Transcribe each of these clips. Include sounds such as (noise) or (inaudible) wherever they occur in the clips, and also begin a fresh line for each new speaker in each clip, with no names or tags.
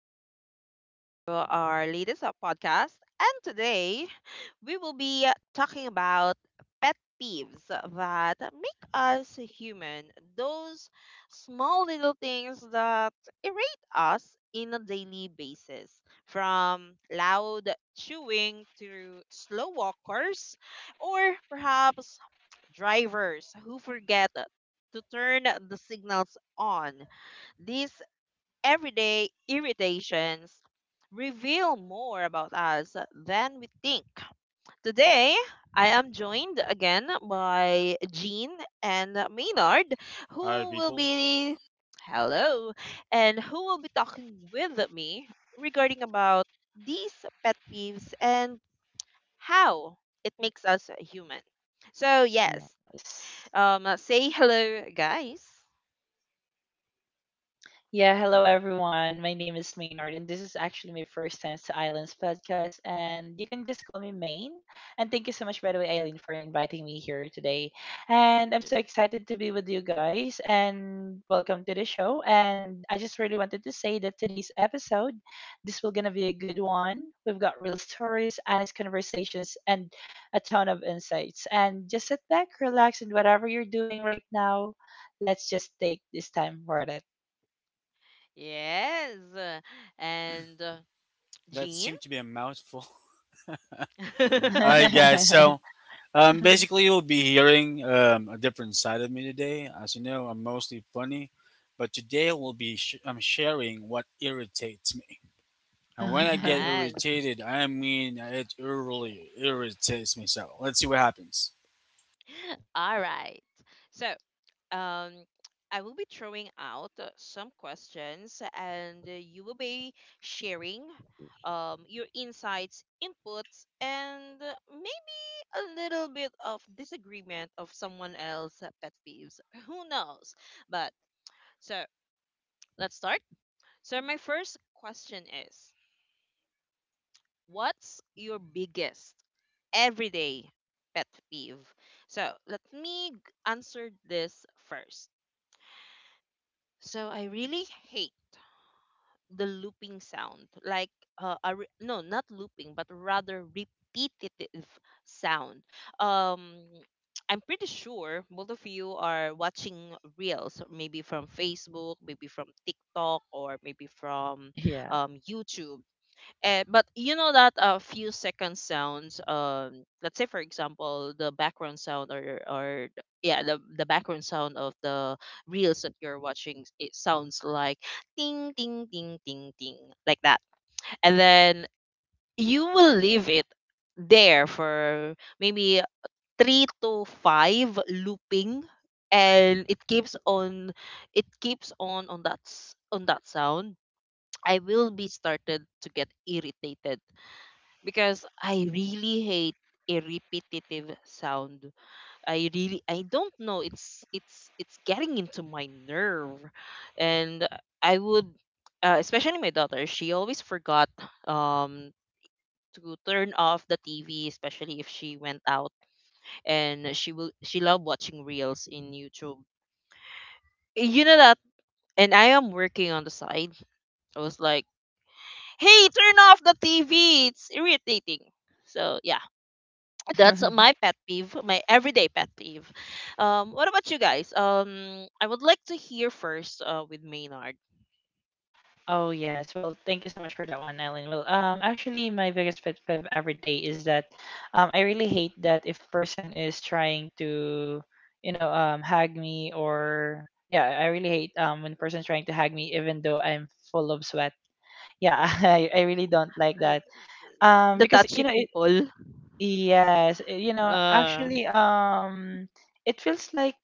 Welcome again to our latest podcast. And today we will be talking about pet peeves that make us human, those small little things that irate us in a daily basis, from loud chewing to slow walkers, or perhaps drivers who forget to turn the signals on. These everyday irritations reveal more about us than we think. Today, I am joined again by Jean and Maynard,
All right,
who will
people.
be hello, and who will be talking with me regarding about these pet peeves and how it makes us human. So yes,
Yes.
say hello, guys.
Yeah, hello everyone. My name is Maynard, and this is actually my first time to Islands podcast. And you can just call me Main. And thank you so much, by the way, Eileen, for inviting me here today. And I'm so excited to be with you guys. And welcome to the show. And I just really wanted to say that today's episode, this will gonna be a good one. We've got real stories, honest conversations, and a ton of insights. And just sit back, relax, and whatever you're doing right now, let's just take this time for it.
Yes, and
That
Jean.
seemed to be a mouthful. (laughs) All right,
(laughs)
guys.
(laughs)
Basically, you'll be hearing a different side of me today. As you know, I'm mostly funny, but today I'm sharing what irritates me. And when I get
Yes.
irritated, I mean it really irritates me. So, let's see what happens.
All right. So, um, I will be throwing out some questions, and you will be sharing your insights, inputs, and maybe a little bit of disagreement of someone else pet peeves. Who knows? But so let's start. So my first question is, what's your biggest everyday pet peeve? So let me answer this first. So I really hate the looping sound, like no, not looping, but rather repetitive sound. Um, I'm pretty sure both of you are watching reels, maybe from Facebook, maybe from TikTok, or maybe from
Yeah.
YouTube. And but you know that a few second sounds, let's say for example the background sound or the background sound of the reels that you're watching, it sounds like ting ting ting ting ting like that, and then you will leave it there for maybe three to five looping and it keeps on on that on that sound. I will be started to get irritated because I really hate a repetitive sound. I don't know, it's getting into my nerve. And I would, especially my daughter, she always forgot um to turn off the TV, especially if she went out. And she loved watching reels in YouTube. You know that, and I am working on the side. I was like, "Hey, turn off the TV. It's irritating." So, yeah, that's
(laughs)
my pet peeve, my everyday pet peeve. What about you guys? I would like to hear first with Maynard.
Oh yes. Well, thank you so much for that one, Ellen. Well, actually, my biggest pet peeve every day is that, I really hate that if a person is trying to, hag me, or yeah, I really hate when a person's trying to hag me even though I'm full of sweat. Yeah, (laughs) I really don't like
Uh,
that.
the
Because you
touchy
know it.
people.
Yes, you know
Uh,
actually. It feels like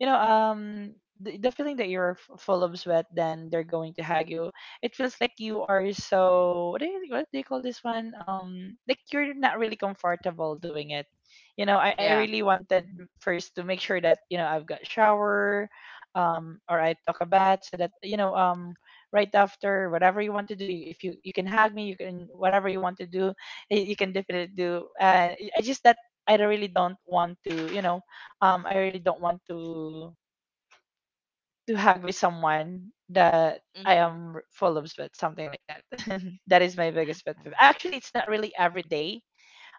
you know um the feeling that you're full of sweat, then they're going to hug you. It feels like you are so, what do you call this one, like you're not really comfortable doing it, you know. I
yeah.
really wanted first to make sure that, you know, I've got shower, or I took a bath so that, you know, right after whatever you want to do. If you can hug me, you can whatever you want to do, you can definitely do. I just that I really don't want to, you know, I really don't want to hug with someone that I
Hmm.
am full of sweat, something like that. (laughs) That is my biggest pet peeve. Actually, it's not really every day.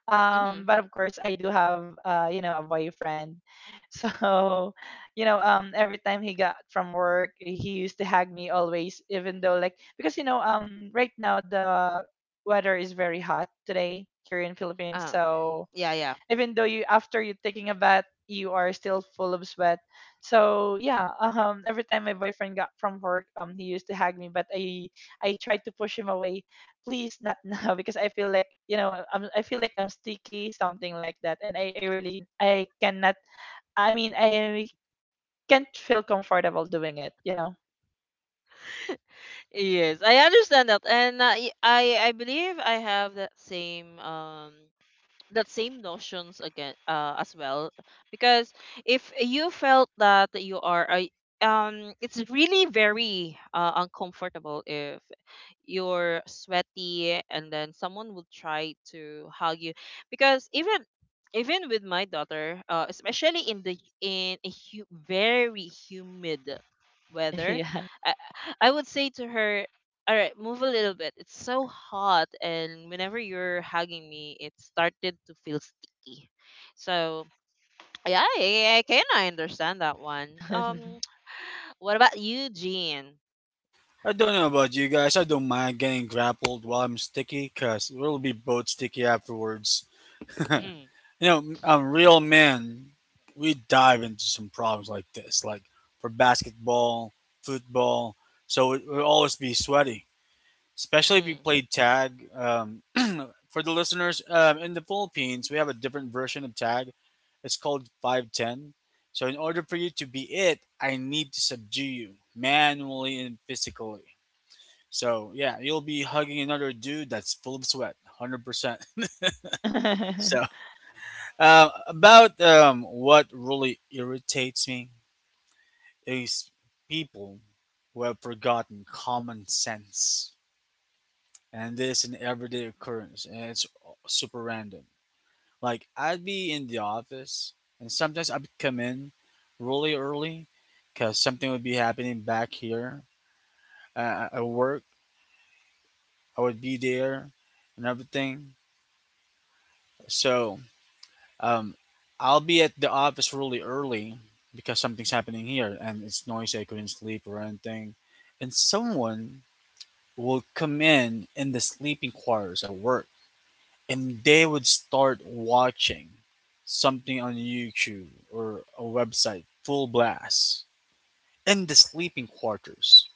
Mm-hmm.
But of course, I do have a boyfriend. (laughs) So, every time he got from work, he used to hug me always, even though like because right now the weather is very hot today here in Philippines.
Uh,
So
yeah, yeah.
even though you, after you taking a bath, you are still full of sweat. So yeah, every time my boyfriend got from work, he used to hug me, but I tried to push him away, please not now. (laughs) Because I feel like, I feel like I'm sticky, something like that. And I really I cannot, I mean I can't feel comfortable doing it, you know.
Yes, I understand that, and I believe I have that same that same notions again as well, because if you felt that you are a it's really very uncomfortable if you're sweaty and then someone will try to hug you, because even even with my daughter, especially in the very humid
(laughs)
weather,
Yeah.
I, I would say to her, all right, move a little bit, it's so hot, and whenever you're hugging me it started to feel sticky. So yeah, I kind of understand that one. (tsk) What about you, Jean?
I don't know about you guys. I don't mind getting grappled while I'm sticky, cause we'll be both sticky afterwards.
Mm,
Real men, we dive into some problems like this, like for basketball, football. So it will always be sweaty, especially if
mm,
you play tag. (clears throat) For the listeners, in the Philippines, we have a different version of tag. It's called 510. So in order for you to be it, I need to subdue you manually and physically. So yeah, you'll be hugging another dude that's full of sweat, 100%. So about what really irritates me is people who have forgotten common sense, and this is an everyday occurrence, and it's super random. Like I'd be in the office, and sometimes I'd come in really early because something would be happening back here at work. I would be there and everything. So Um, I'll be at the office really early because something's happening here and it's noisy. I couldn't sleep or anything. And someone will come in the sleeping quarters at work and they would start watching something on YouTube or a website full blast in the sleeping quarters.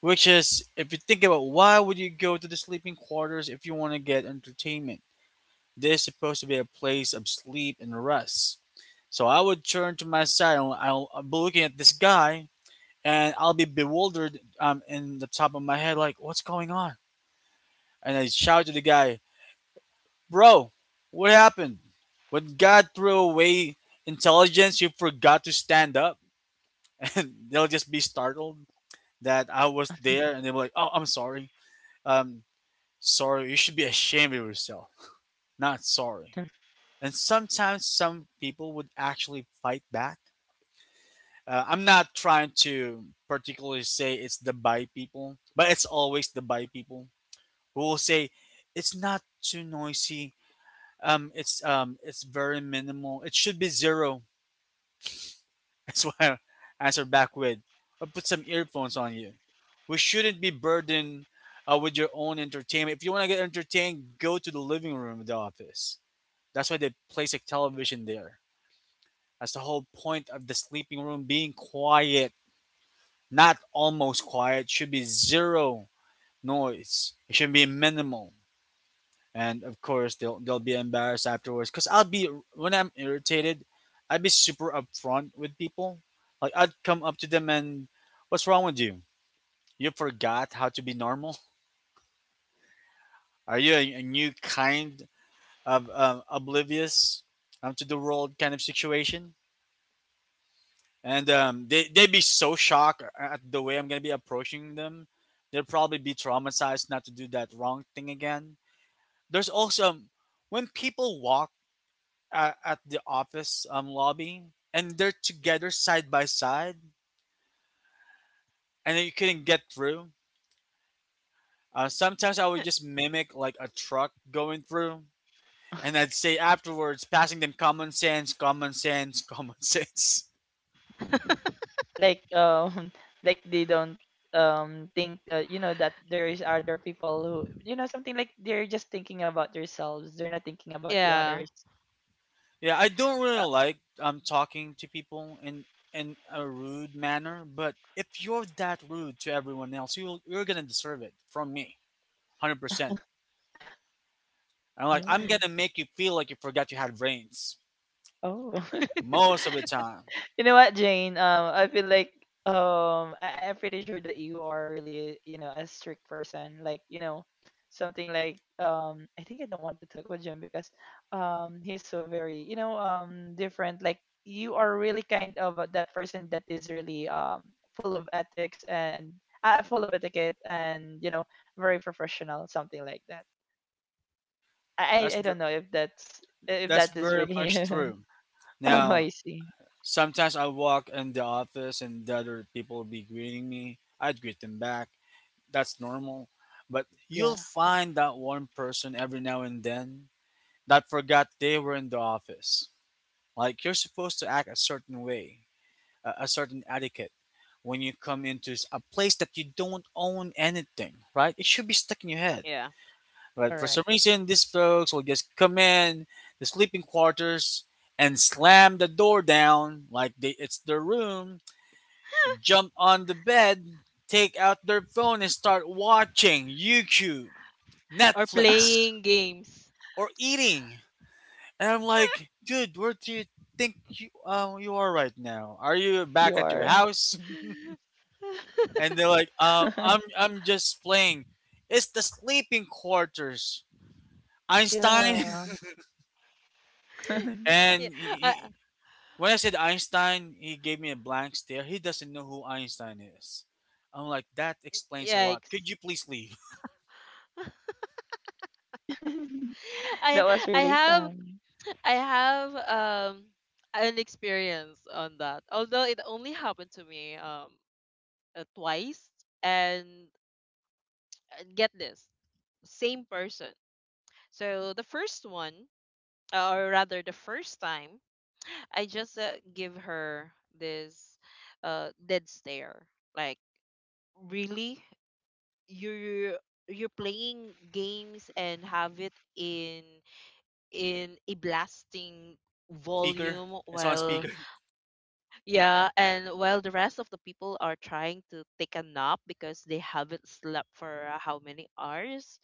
Which is, if you think about why would you go to the sleeping quarters if you want to get entertainment? This is supposed to be a place of sleep and rest. So I would turn to my side and I'll be looking at this guy and I'll be bewildered in the top of my head, like, what's going on? And I shout to the guy, bro, what happened? When God threw away intelligence, you forgot to stand up. (laughs) And they'll just be startled that I was there and they'll be like, oh, I'm sorry. Um, sorry, you should be ashamed of yourself. Not sorry.
(laughs)
And sometimes some people would actually fight back. I'm not trying to particularly say it's the bi people, but it's always the bi people who will say it's not too noisy. It's very minimal. It should be zero. (laughs) That's why I answer back with, or put some earphones on you. We shouldn't be burdened with your own entertainment. If you want to get entertained, go to the living room of the office. That's why they place a television there. That's the whole point of the sleeping room being quiet, not almost quiet. It should be zero noise. It should be minimal. And of course, they'll be embarrassed afterwards. Cause I'll be when I'm irritated, I'd be super upfront with people. Like I'd come up to them and, "What's wrong with you? You forgot how to be normal? Are you a new kind of oblivious to the world kind of situation?" And they'd be so shocked at the way I'm gonna be approaching them. They'll probably be traumatized not to do that wrong thing again. There's also when people walk at the office lobby and they're together side by side, and you couldn't get through. Sometimes I would just mimic like a truck going through, and I'd say afterwards, passing them common sense, common sense, common (laughs) sense.
Like (laughs) like they don't think you know that there is other people who, you know, something like they're just thinking about themselves, they're not thinking about the
yeah,
others.
Yeah, I don't really
uh,
like talking to people in a rude manner, but if you're that rude to everyone else, you're gonna deserve it from me, 100%. I'm like I'm
Oh.
gonna make you feel like you forgot you had brains
Oh.
most of the time.
You know what, Jane? I feel like I'm pretty sure that you are really, you know, a strict person. Like, you know, something like, I think I don't want to talk with Jim because, he's so very, you know, different. Like, you are really kind of that person that is really full of ethics and full of etiquette, and you know, very professional, something like that. I
That's
I I
ver-
don't know if that's if
that's
that is
very
really.
much true.
(laughs) Oh,
Now
I see.
sometimes I walk in the office and the other people will be greeting me. I'd greet them back. That's normal. But
Yeah,
you'll find that one person every now and then that forgot they were in the office. Like you're supposed to act a certain way, a certain etiquette when you come into a place that you don't own anything, right? It should be stuck in your head.
yeah.
But for
correct.
some reason, these folks will just come in the sleeping quarters and slam the door down like they, it's their room, jump on the bed, take out their phone, and start watching YouTube,
Or
Netflix,
playing games.
or eating. And I'm like, dude, where do you think you are right now? Are you back
You
at your
are.
house? (laughs)
(laughs)
And they're like, uh, I'm
(laughs)
I'm just playing. It's the sleeping quarters, Einstein.
Yeah.
(laughs)
Yeah,
and he,
uh,
he, when I said Einstein, he gave me a blank stare. He doesn't know who Einstein is. I'm like, that explains a lot.
yikes.
Could you please leave,
(laughs)
I
That was
I
really
have
fun.
I have um an experience on that. Although it only happened to me twice, and get this, same person. So the first one, or rather the first time, I just give her this dead stare. Like, really? you're you're playing games and have it in a blasting
(laughs) speaker?
volume
It's on
while
speaker. (laughs)
yeah, and while the rest of the people are trying to take a nap because they haven't slept for how many hours.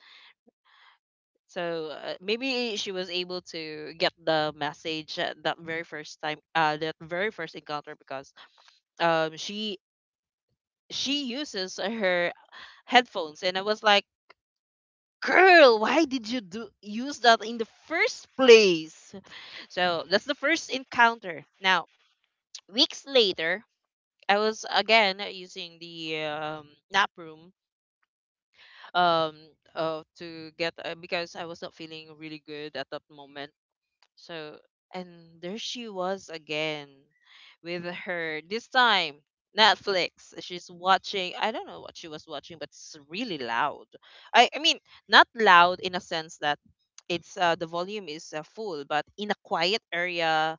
So maybe she was able to get the message at that very first time, that very first encounter, because um she she uses her headphones, and I was like, girl, why did you do use that in the first place? So that's the first encounter. Now, (tsk) weeks later, I was again using the nap room, um to get because I was not feeling really good at that moment. So, and there she was again with her, this time Netflix. She's watching, I don't know what she was watching, but it's really loud. I mean, not loud in a sense that it's the volume is full, but in a quiet area,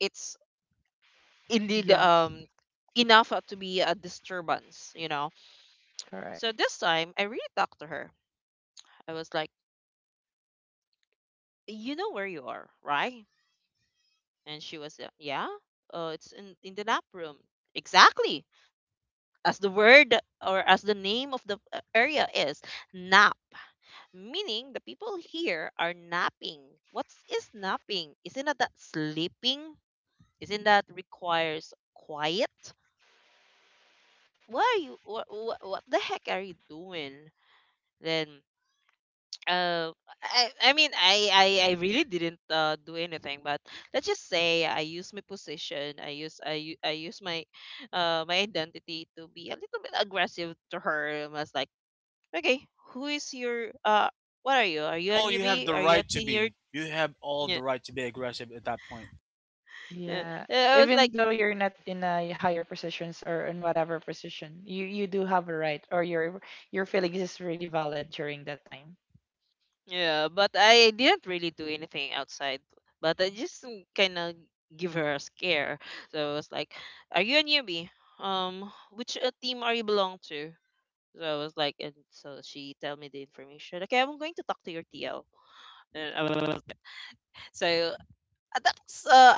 it's indeed
Yes,
enough to be a disturbance, you know.
correct.
So this time I really talked to her. I was like, you know where you are, right? And she was, yeah, it's in the nap room. Exactly. As the word or as the name of the area is nap, meaning the people here are napping. What is napping? Isn't that, that sleeping? Isn't that requires quiet? What are you? What the heck are you doing? Then uh I mean I really didn't do anything, but let's just say I use my position, I use my my identity to be a little bit aggressive to her. I was like, okay, who is your what are you, are you a
Well, you have
newbie,
the
are you a
right to be.
tenured.
You have all the
Yeah,
right to be aggressive at that point.
yeah.
Yeah.
I was like,
Even though you're not in a higher positions or in whatever position, you do have a right, or your feelings is really valid during that time.
yeah, but I didn't really do anything outside, but I just kind of give her a scare. So I was like, are you a newbie, which team are you belong to? So I was like, and so she tell me the information. Okay, I'm going to talk to your TL. And I was- So that was,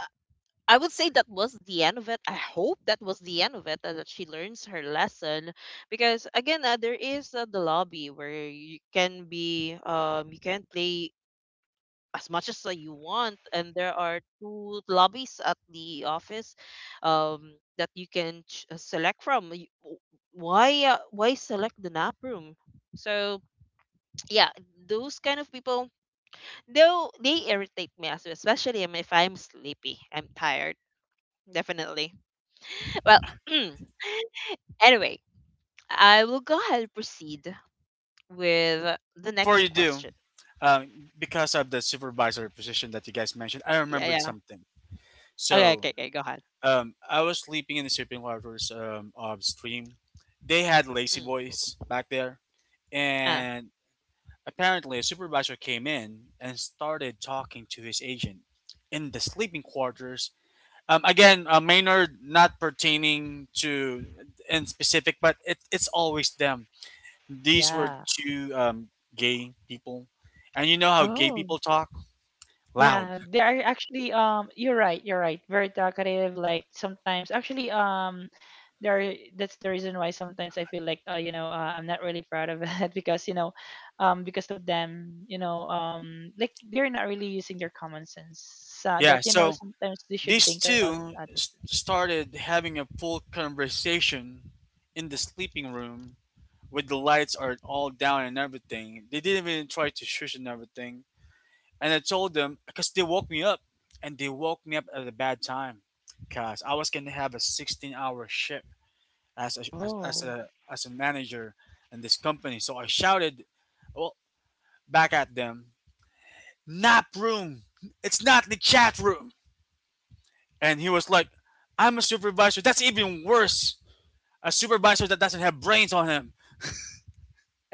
I would say that was the end of it. I hope that was the end of it, and that she learns her lesson. Because again, there is the lobby where you can be, you can play as much as you want, and there are two lobbies at the office, um, that you can select from. Why select the nap room? So yeah, those kind of people, though they irritate me as well, especially if I'm sleepy, I'm tired, definitely. Well, (clears throat) anyway, I will go ahead and proceed with the
Before
next
you do,
question.
because of the supervisor position that you guys mentioned, I
Yeah,
remembered
yeah.
something.
Okay,
So
okay, okay, go ahead.
I was sleeping in the sleeping quarters of Stream. They had lazy
Mm,
boys back there,
ah.
and apparently a supervisor came in and started talking to his agent in the sleeping quarters. Maynard, not pertaining to in specific, but it's always them. These were
Yeah.
two gay people, and you know how gay
Oh.
people talk loud.
Yeah, they are actually, you're right, you're right. Very talkative, like sometimes actually, there, that's the reason why sometimes I feel like, I'm not really proud of it. (laughs) Because you know, because of them, you know, like they're not really using their common sense, so
Yeah,
that you know,
so
sometimes they should think about others
started having a full conversation in the sleeping room with the lights are all down and everything. They didn't even try to shush and everything. And I told them because they woke me up and they woke me up at a bad time because I was going to have a 16-hour shift
too. Oh,
as a manager in this company. So I shouted well back at them, nap room. It's not the chat room. And he was like, I'm a supervisor. That's even worse. A supervisor that doesn't have brains on him.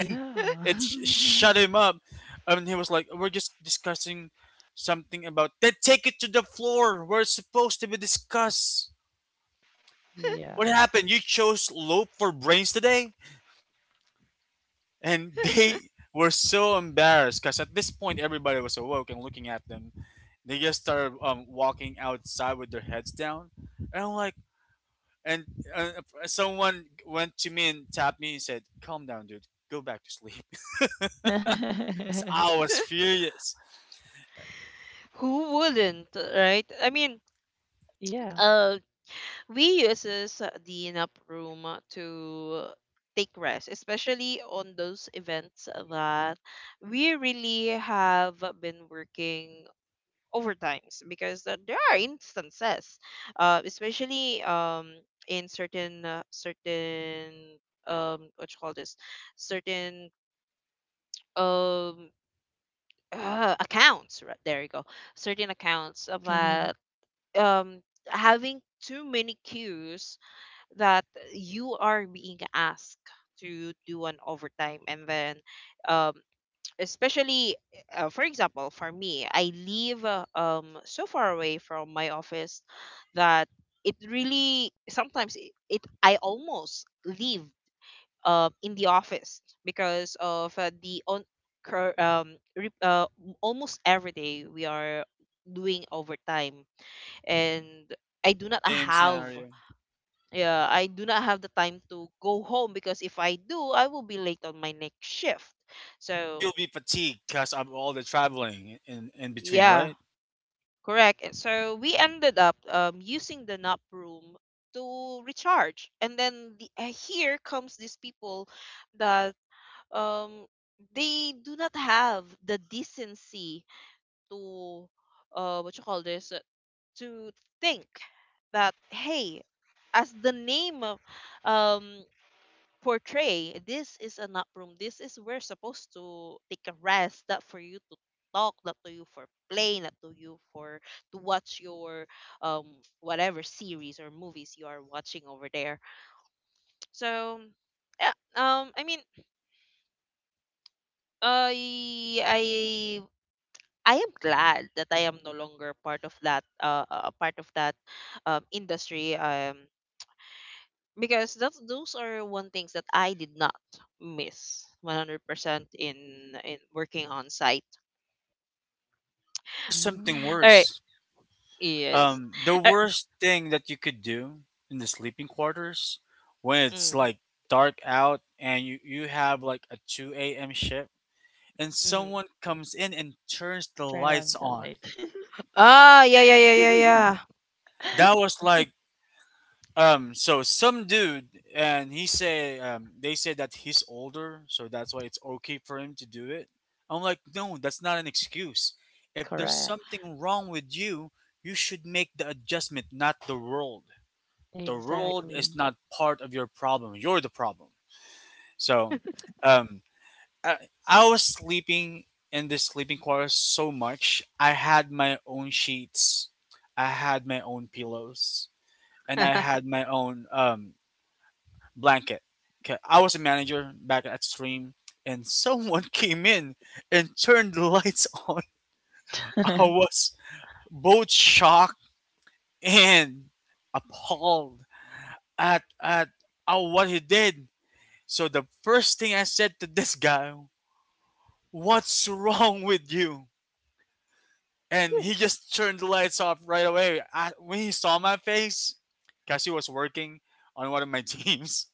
yeah. (laughs)
Shut him up. And he was like, we're just discussing something about. Then take it to the floor where it's supposed to be discussed. What
Yeah.
happened? You chose lope for brains today? And (laughs) they were so embarrassed because at this point everybody was awoke and looking at them. They just started walking outside with their heads down. And I'm like, And uh, someone went to me and tapped me and said, "Calm down, dude. Go back to sleep." (laughs) 'Cause I
(laughs)
was
(laughs)
furious.
Who wouldn't, right? I mean,
Yeah.
uh, we uses the nap room to take rest, especially on those events that we really have been working overtimes because there are instances, especially in certain what you call this, certain um, accounts. Right, there you go. Certain accounts about
(laughs)
um, having too many queues that you are being asked to do an overtime. And then um, especially for example for me I live so far away from my office that it really sometimes it I almost leave in the office because of the cur- um re- uh, almost every day we are doing overtime, and I do not
Same
have
scenario.
yeah I do not have the time to go home, because if I do I will be late on my next shift.
Or
So
you'll be fatigued because of all the traveling in between,
yeah.
right?
Correct. And so we ended up using the nap room to recharge. And then the, here comes these people that um, they do not have the decency to what you call this to think that hey, as the name of um, portray, this is an nap room, this is where supposed to take a rest, not for you to talk, not to you for play, not to you for to watch your um whatever series or movies you are watching over there. So yeah, um, I mean i i I am glad that I am no longer part of that industry. Because that's those are one things that I did not miss 100% in in working on site.
But there's something
Mm.
All right.
worse.
Yes.
The
Uh,
worst thing that you could do in the sleeping quarters when it's
mm,
like dark out and you have like a 2 a.m. shift and
mm,
someone comes in and turns the
Turn
lights
on the
on.
light.
ah, yeah, yeah, yeah, yeah, yeah.
That was
(laughs)
like. So some dude, and he say, they say that he's older, so that's why it's okay for him to do it. I'm like, no, that's not an excuse. If there's
Correct.
something wrong with you, you should make the adjustment, not the world. The world is
Exactly.
not part of your problem. You're the problem. So, um, I, I was sleeping in this sleeping quarter so much. I had my own sheets. I had my own pillows, and I had my own blanket. Okay, I was a manager back at Stream, and (laughs) someone came in and turned the lights on.
(laughs)
I
Mm.
was both shocked and appalled at what he did. So the first thing I said to this guy, "What's wrong with you?" And he just turned the lights off right away. I, when he saw my face, because he was working on one of my (laughs) teams,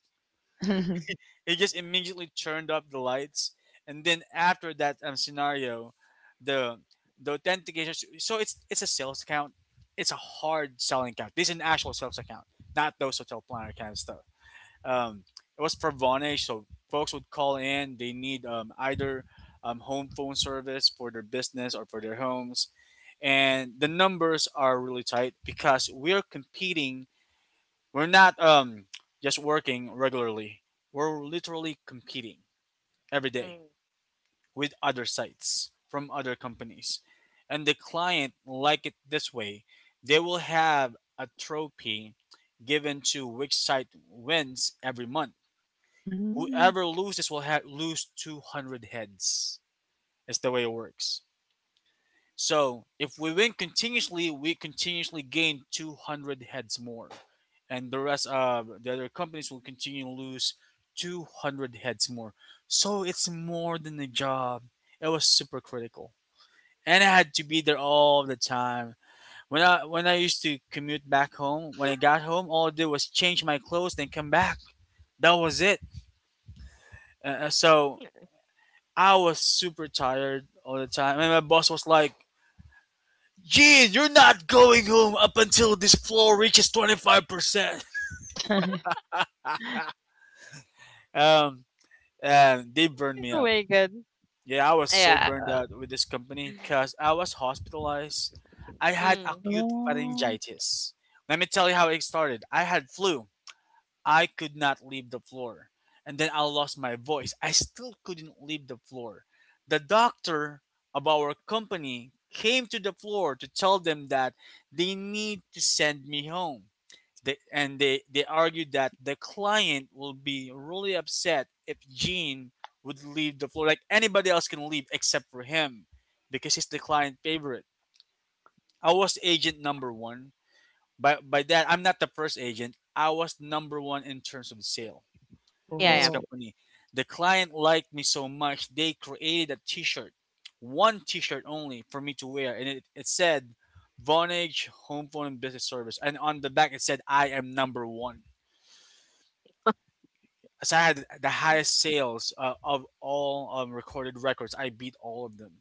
he just immediately turned up the lights, and then after that scenario, the the authentication. So it's a sales account. It's a hard selling account. This is an actual sales account, not those hotel planner kind of stuff. Um, it was for Vonage, so folks would call in. They need either home phone service for their business or for their homes, and the numbers are really tight because we're competing. We're not just working regularly. We're literally competing every day
Mm.
with other sites from other companies, and the client like it this way. They will have a trophy given to which site wins every month. Whoever loses lose 200 heads. It's the way it works. So if we win continuously, we continuously gain 200 heads more, and the rest, the other companies will continue to lose 200 heads more. So it's more than a job. It was super critical, and I had to be there all the time. When I used to commute back home, when I got home, all I did was change my clothes, then come back. That was it. So I was super tired all the time, and my boss was like, geez, you're not going home up until this floor reaches 25%. (laughs)
(laughs)
Um, and they burned
(laughs)
me
Oh
up.
my god.
Yeah, I was so
Yeah.
burned out with this company because I was hospitalized. I had
Mm,
acute
Oh,
pharyngitis. Let me tell you how it started. I had flu. I could not leave the floor. And then I lost my voice. I still couldn't leave the floor. The doctor of our company came to the floor to tell them that they need to send me home. They argued that the client will be really upset if Gene would leave the floor. Like anybody else can leave except for him because he's the client favorite. I was agent number one. By that, I'm not the first agent. I was number one in terms of sale
yeah,
in
yeah.
this
oh.
company. The client liked me so much, they created a t shirt, one t shirt only for me to wear. And it said, Vonage Home Phone and Business Service. And on the back, it said, I am number one, as I had the highest sales of all recorded records. I beat all of them.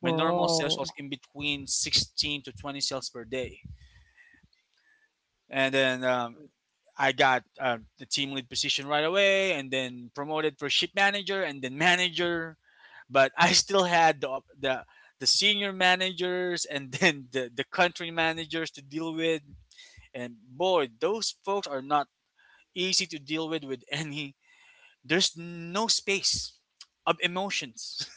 My normal sales
Whoa!
was in between 16 to 20 sales per day. And then I got the team lead position right away and then promoted for ship manager and then manager. But (laughs) I still had the the senior managers and (laughs) then the country managers to deal with. And boy, those folks are not easy to deal with any, there's no space of emotions.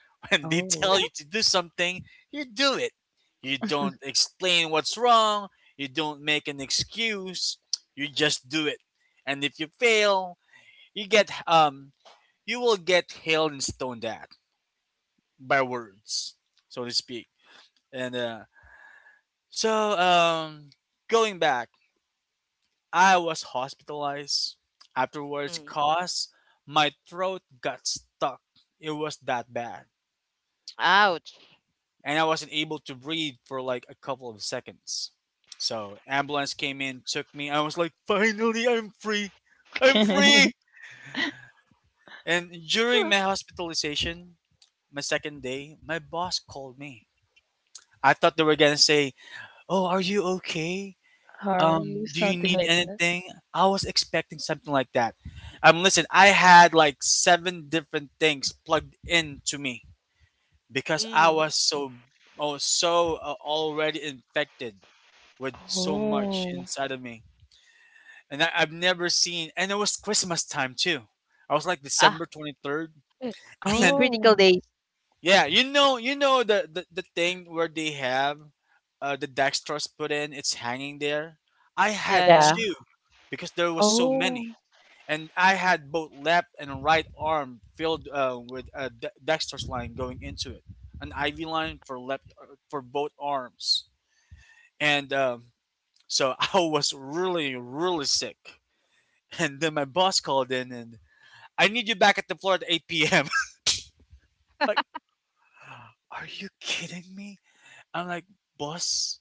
(laughs) When they
Oh.
tell you to do something, you do it. You don't explain what's wrong, you don't make an excuse, you just do it. And if you fail, you get you will get hailed and stoned at by words, so to speak. And so going back, I was hospitalized afterwards
Mm.
cause my throat got stuck. It was that bad.
Ouch.
And I wasn't able to breathe for like a couple of seconds. So ambulance came in, took me. I was like, finally, I'm free. I'm free.
(laughs)
And during my hospitalization, my second day, my boss called me. I thought they were gonna say, "Oh, are you okay?
Are you
Do you
something
need
like that?
anything?" I was expecting something like that. Listen, I had like seven different things plugged into me because I
Mm.
was so, oh, so already infected with so much
Oh.
inside of me. And I've never seen, and it was Christmas time too. I was like
Ah,
December 23rd.
(laughs)
(laughs)
the
And
critical
Oh.
days.
yeah, you know the thing where they have the dextrose put in, it's hanging there. I had
Yeah,
Yeah.
two because there was so
Oh.
many. And I had both left and right arm filled with a dextrose line going into it, an IV line for left for both arms. And so (laughs) I was really, really sick. And then my boss called in and, I need you back at the floor at 8 p.m. (laughs) Like, are you kidding me? I'm like, boss,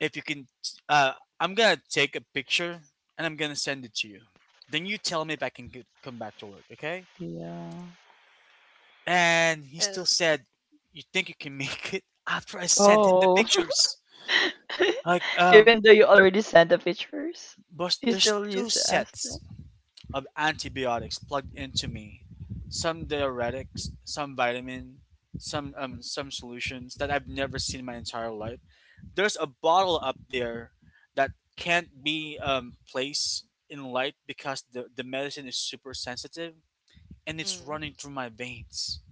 if you can, uh, I'm gonna take a picture and I'm gonna send it to you. Then you tell me if I can get, come back to work, okay?
Yeah.
And he
yeah.
still said, you think you can make it? After I sent him the
Oh.
pictures,
(laughs)
like,
Even though you already sent the pictures,
boss,
you
there's
still
two
used to ask that.
sets of antibiotics plugged into me. Some diuretics, some vitamin, some solutions that I've never seen in my entire life. There's a bottle up there that can't be placed in light because the medicine is super sensitive and it's
Mm,
running through my veins.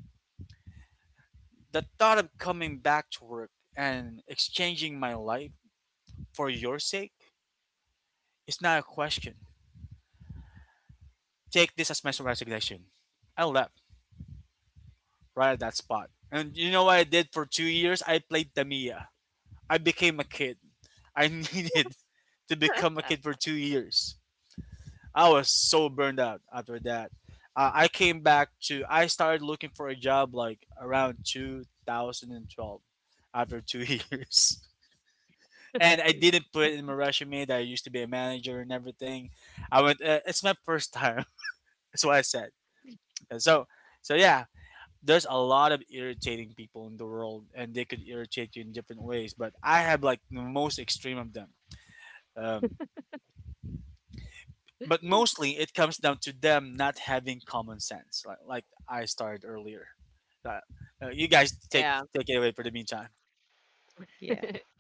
The thought of coming back to work and exchanging my life for your sake is not a question. Take this as my resignation. I left right at that spot. And you know what I did for 2 years? I played Tamiya. I became a kid. I (laughs) needed to become a kid for 2 years. I was so burned out after that. I came back to, I started looking for a job like around 2012 after two (laughs) years. And I didn't put in my resume that I used to be a manager and everything. I went, it's my first time. (laughs) That's what I said. And so, so yeah, there's a lot of irritating people in the world and they could irritate you in different ways, but I have like the most extreme of them. um, but mostly it comes down to them not having common sense, like I started earlier. uh, you guys take,
yeah.
take it away for the meantime.
Yeah.
(laughs)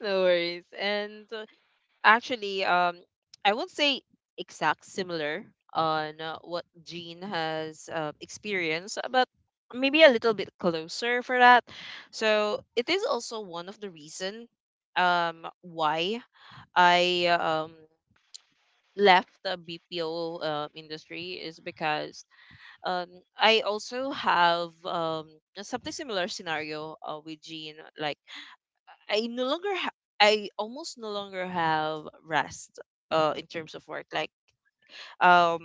No worries. And actually I won't say exact similar on what Jean has experienced, but maybe a little bit closer for that. So it is also one of the reason why I left the BPO industry, is because um I also have something similar scenario with Jean. Like I no longer I almost no longer have rest in terms of work. Like um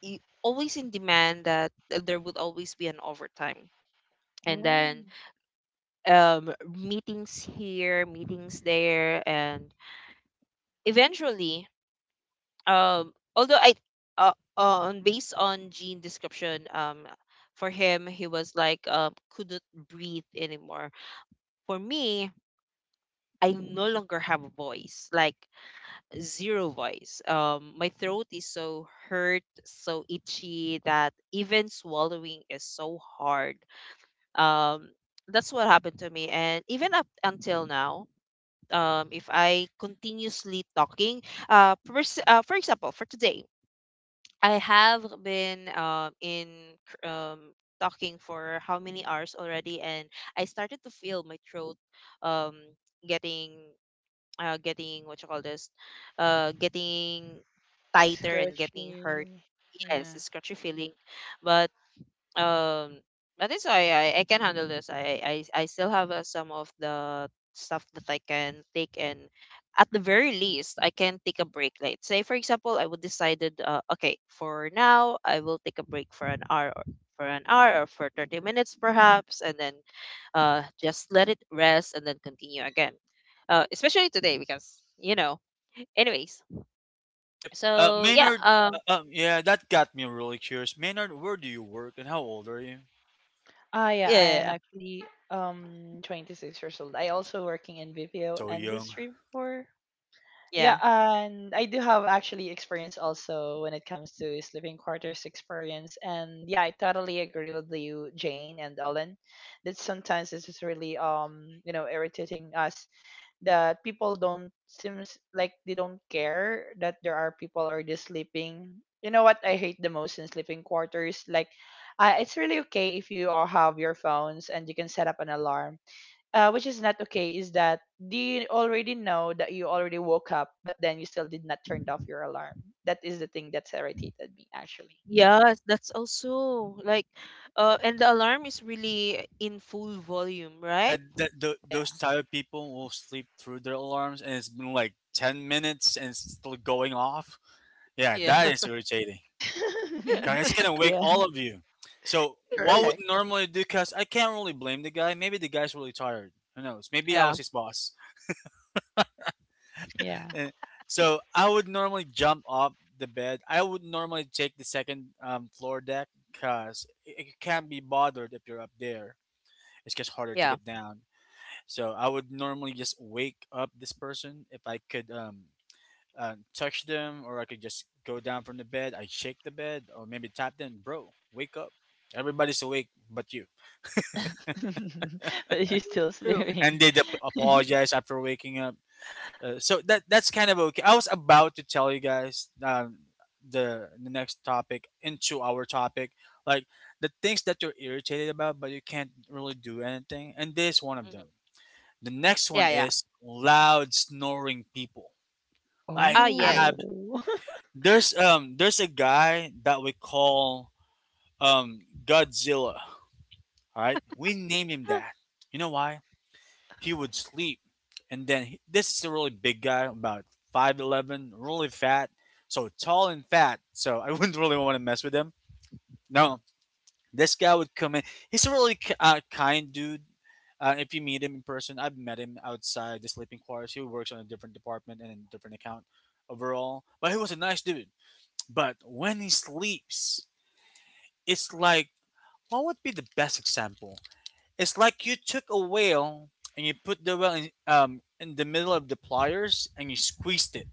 always in demand that there would always be an overtime. And
Oh.
then meetings here, meetings there, and eventually um although I uh, on based on Gene description, for him he was like couldn't breathe anymore. For me, I no longer have a voice, like zero voice. My throat is so hurt, so itchy that even swallowing is so hard. Um, that's what happened to me, and even up until now, if I continuously talking, for example, for today, I have been in cr- um talking for how many hours already, and I started to feel my throat um getting getting what you call this, getting tighter and getting hurt.
Scratching.
Yes,
Yeah.
a scratchy feeling, but um, I think so. I can handle this. I still have some of the stuff that I can take, and at the very least, I can take a break. Like, say, for example, I would decided, okay, for now, I will take a break for an hour, or for 30 minutes perhaps, and then just let it rest and then continue again. Especially today because Anyways,
Yep.
so yeah,
Maynard, yeah, that got me really curious, Maynard, where do you work and how old are you?
Ah, yeah.
yeah,
I
yeah,
am
yeah.
actually 26 years old. I also working in BPO
So young.
industry before.
Yeah.
Yeah, and I do have actually experience also when it comes to sleeping quarters experience. And yeah, I totally agree with you, Jane and Ellen, that sometimes this is really, irritating us, that people don't seems like they don't care that there are people already sleeping. You know what I hate the most in sleeping quarters? Like, it's really okay if you all have your phones and you can set up an alarm, which is not okay is that do you already know that you already woke up but then you still did not turn off your alarm. That is the thing that's irritated me actually.
Yes, that's also like, and the alarm is really in full volume, right?
Yeah,
Yeah.
those type of people will sleep through their alarms and it's been like 10 minutes and it's still going off. Yeah,
Yeah,
that is irritating. God,
(laughs)
it's gonna
(laughs)
wake
Yeah.
all of you. So what would
Correct.
normally do? Cause I can't really blame the guy. Maybe the guy's really tired. Who knows? Maybe I
yeah,
was his boss.
Yeah.
Eh, so I would normally jump off the bed. I would normally take the second floor deck because you can't be bothered if you're up there. It's just harder to
yeah.
get down. So I would normally just wake up this person if I could touch them, or I could just go down from the bed. I shake the bed, or maybe tap them, bro, wake up. Everybody's awake but you.
(laughs) But you're still
True.
And
sleeping.
they apologize after waking up. So that's kind of okay. I was about to tell you guys the next topic into our topic, like the things that you're irritated about, but you can't really do anything. And this is one of
Mhm.
them. The next one
Yeah, yeah.
is loud snoring people. Like
Ah, yes.
Oh.
there's a guy that we call Godzilla. All right, we named him that. You know why? He would sleep, and then he, this is a really big guy, about 5'11", really fat, so tall and fat. So I (laughs) wouldn't really want to mess with him. No, this guy would come in. He's a really kind dude. If you meet him in person, I've met him outside the sleeping quarters. He works on a different department and a different account overall, but he was a nice dude. But when he sleeps, it's like, what would be the best example? It's like you took a whale and you put the whale in the middle of the pliers and you squeezed it.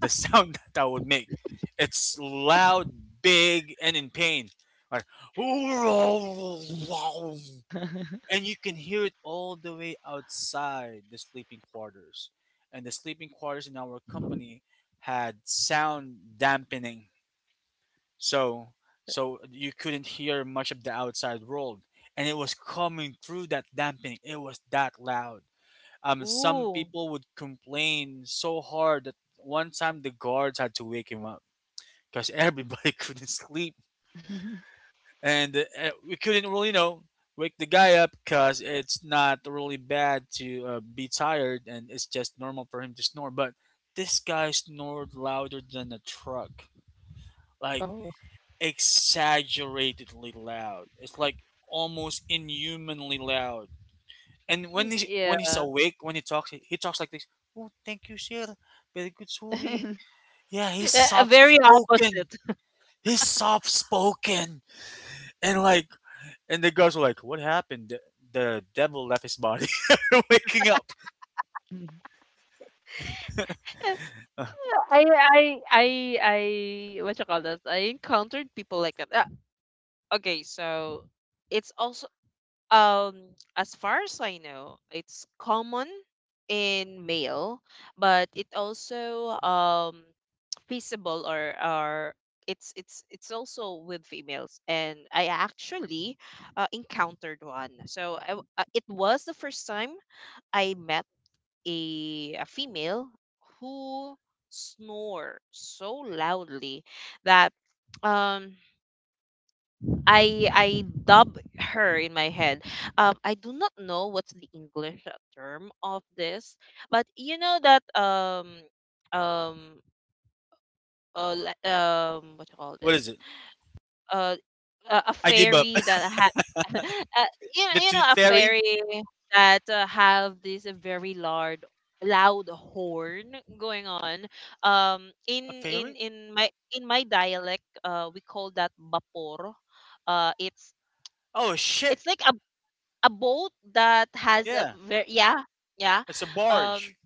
The sound (laughs) that would make. It's loud, big, and in pain. Like, (laughs) and
(laughs)
you can hear it all the way outside the sleeping quarters. And the sleeping quarters in our company had sound dampening, so so you couldn't hear much of the outside world, and it was coming through that dampening. It was that loud. Some
Ooh,
people would complain so hard that one time the guards had to wake him up because everybody (laughs) couldn't sleep, and we couldn't really, you know, wake the guy up because it's not really bad to be tired and it's just normal for him to snore. But this guy snored louder than a truck. Like
Oh.
exaggeratedly loud. It's like almost inhumanly loud. And when he
yeah.
when he's awake, when he talks, he talks like this. Oh, thank you, sir. Very good, sorry.
(laughs)
Yeah, he's
A
soft
very
spoken.
opposite.
He's soft spoken. And like, and the girls were like, "What happened? The devil left his body." (laughs) Waking up.
(laughs)
Uh,
I, I, I, I. What you call this? I encountered people like that. Ah, okay, so it's also um, as far as I know, it's common in male, but it also feasible or it's it's also with females and I actually encountered one so it was the first time I met a female who snore so loudly that um i dub her in my head I do not know what's the english term of this but you know that um what you call
what is
this
it?
uh, a
I give up.
fairy that had (laughs) uh,
(laughs) The
you know
tooth
a
fairy?
fairy that have this very large loud horn going on
A
in in
fairy?
in my in my dialect we call that vapor uh it's
Oh, a ship.
it's like a boat that has a
Yeah,
very yeah yeah
it's a
um
barge.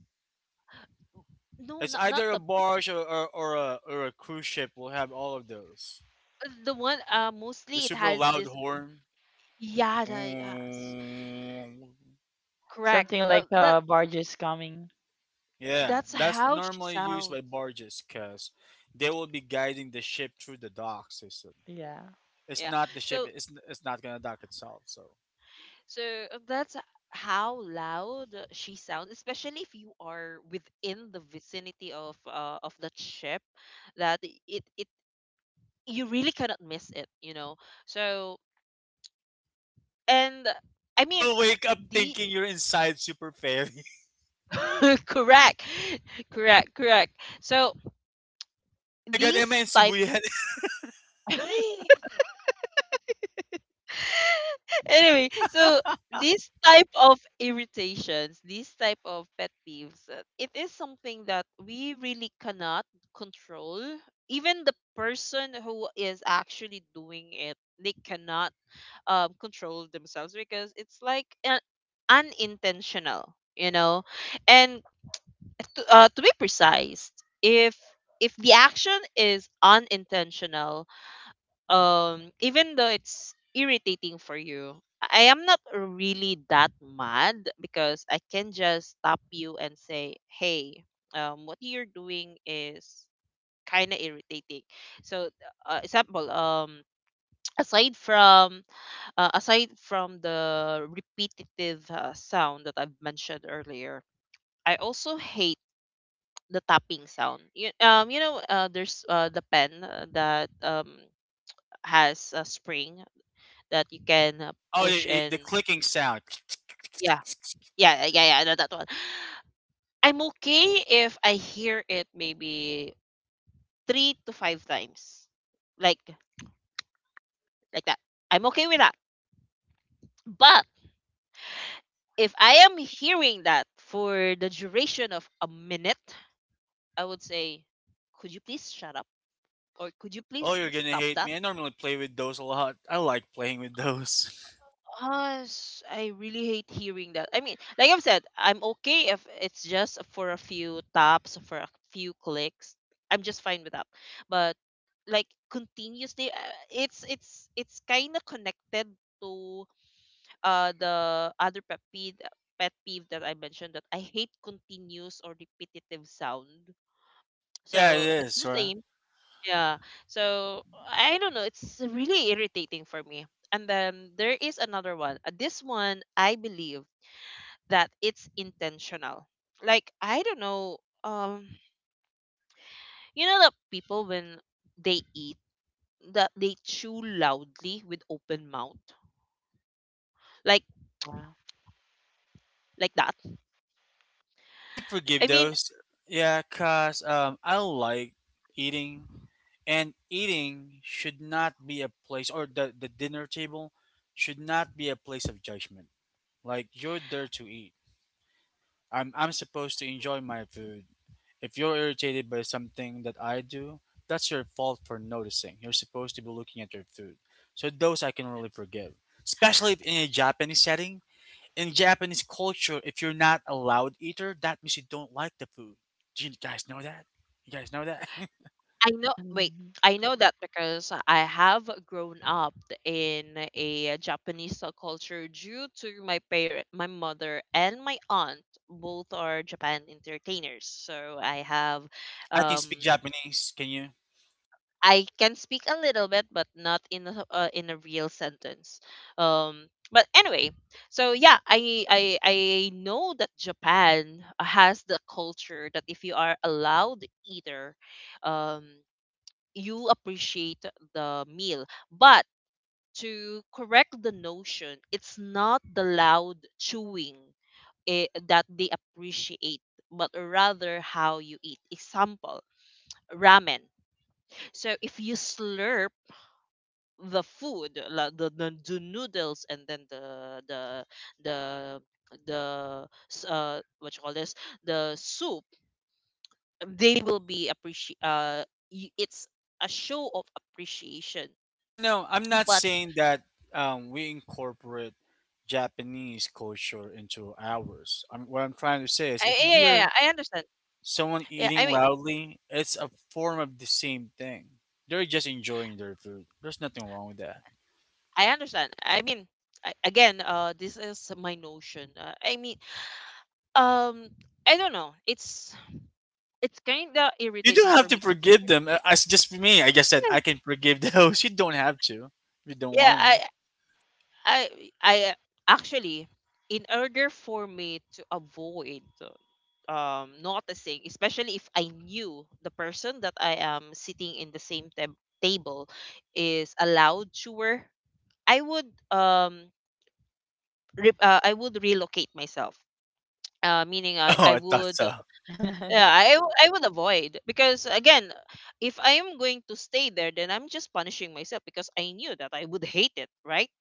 no
It's
not
either a
the
barge or, or a cruise ship will have all of those.
the one
The
mostly it
super
has
loud
this
horn.
yeah yes
Mm,
correct
Something like
that.
barges coming.
yeah,
That's
that's
how she
normally used
sounds.
by barges because they will be guiding the ship through the dock system.
Yeah.
It's
Yeah.
not the ship.
So
It's not gonna dock itself. So
so that's how loud she sounds, especially if you are within the vicinity of that ship, that it you really cannot miss it, you know. So and I mean
you'll wake up
the
thinking you're inside super fairy.
(laughs) correct, correct, correct. So
(laughs) Oh my god, am I
these
in
type.
Shibuya?
(laughs) (laughs) anyway, so these type of irritations, these type of pet peeves, it is something that we really cannot control. Even the person who is actually doing it, they cannot control themselves because it's like unintentional, you know. And to be precise, if if the action is unintentional, even though it's irritating for you I am not really that mad because I can just stop you and say hey what you're doing is kind of irritating so example (tsk) aside from aside from the repetitive sound that I've mentioned earlier I also hate the tapping sound there's the pen that has a spring that you can
(laughs) Oh,
push and
the clicking sound.
yeah yeah that one I'm okay if I hear it maybe three to five times like like that I'm okay with that but if I am hearing that for the duration of a minute I would say could you please shut up or could you
Oh,
please
you're gonna
stop
hate
that.
me. I normally play with those a lot. I like playing with those. (laughs)
Us, I really hate hearing that. I mean, like I've said, I'm okay if it's just for a few taps, for a few clicks. I'm just fine with that. But like continuously, it's it's kind of connected to the other pet peeve that I mentioned that I hate continuous or repetitive sound.
Oh yeah, it
So it's
is.
the
Right?
same. Yeah. So I don't know. It's really irritating for me. And then there is another one. This one, I believe that it's intentional. Like I don't know. Um, you know that people when they eat that they chew loudly with open mouth, like
Wow.
like that.
I can
I
forgive
mean,
those. Yeah, cause I like eating, and eating should not be a place, or the dinner table should not be a place of judgment. Like you're there to eat. I'm supposed to enjoy my food. If you're irritated by something that I do, that's your fault for noticing. You're supposed to be looking at your food. So those I can really forgive, especially if in a Japanese setting in Japanese culture, if you're not a loud eater, that means you don't like the food. Do you guys know that? You guys know that? (laughs)
I know. Wait, I know that because I have grown up in a Japanese culture due to my parent, my mother, and my aunt. Both are Japan entertainers, so I have,
I can
um,
speak Japanese. Can you?
I can speak a little bit, but not in in a real sentence. Um, but anyway, so yeah, I know that Japan has the culture that if you are allowed either, um you appreciate the meal. But to correct the notion, it's not the loud chewing eh, that they appreciate, but rather how you eat. Example, ramen. So if you slurp the food, the noodles, and then the the what you call this, the soup, they will be appreciate. It's a show of appreciation.
Oh, I know. I'm not
But
saying that we incorporate Japanese culture into ours. I what I'm trying to say is, if you
yeah, yeah, yeah.
hear
I understand.
someone
Yeah,
eating
I mean,
loudly, it's a form of the same thing. They're just enjoying their food. There's nothing wrong with that.
I understand. I mean, I, again, this is my notion. I mean, um, I don't know. It's kind of
You
irritating
don't have
for
to
me to hear.
forgive them. It's just me. I just said I can forgive those. (laughs) You don't have to. If you don't
Yeah, yeah.
want to.
I, I actually, in order for me to avoid noticing, especially if I knew the person that I am sitting in the same table is a loud chewer, I would um. I would relocate myself meaning
Oh,
I
I thought
would
so.
yeah
(laughs)
I would avoid because again if I am going to stay there then I'm just punishing myself because I knew that I would hate it right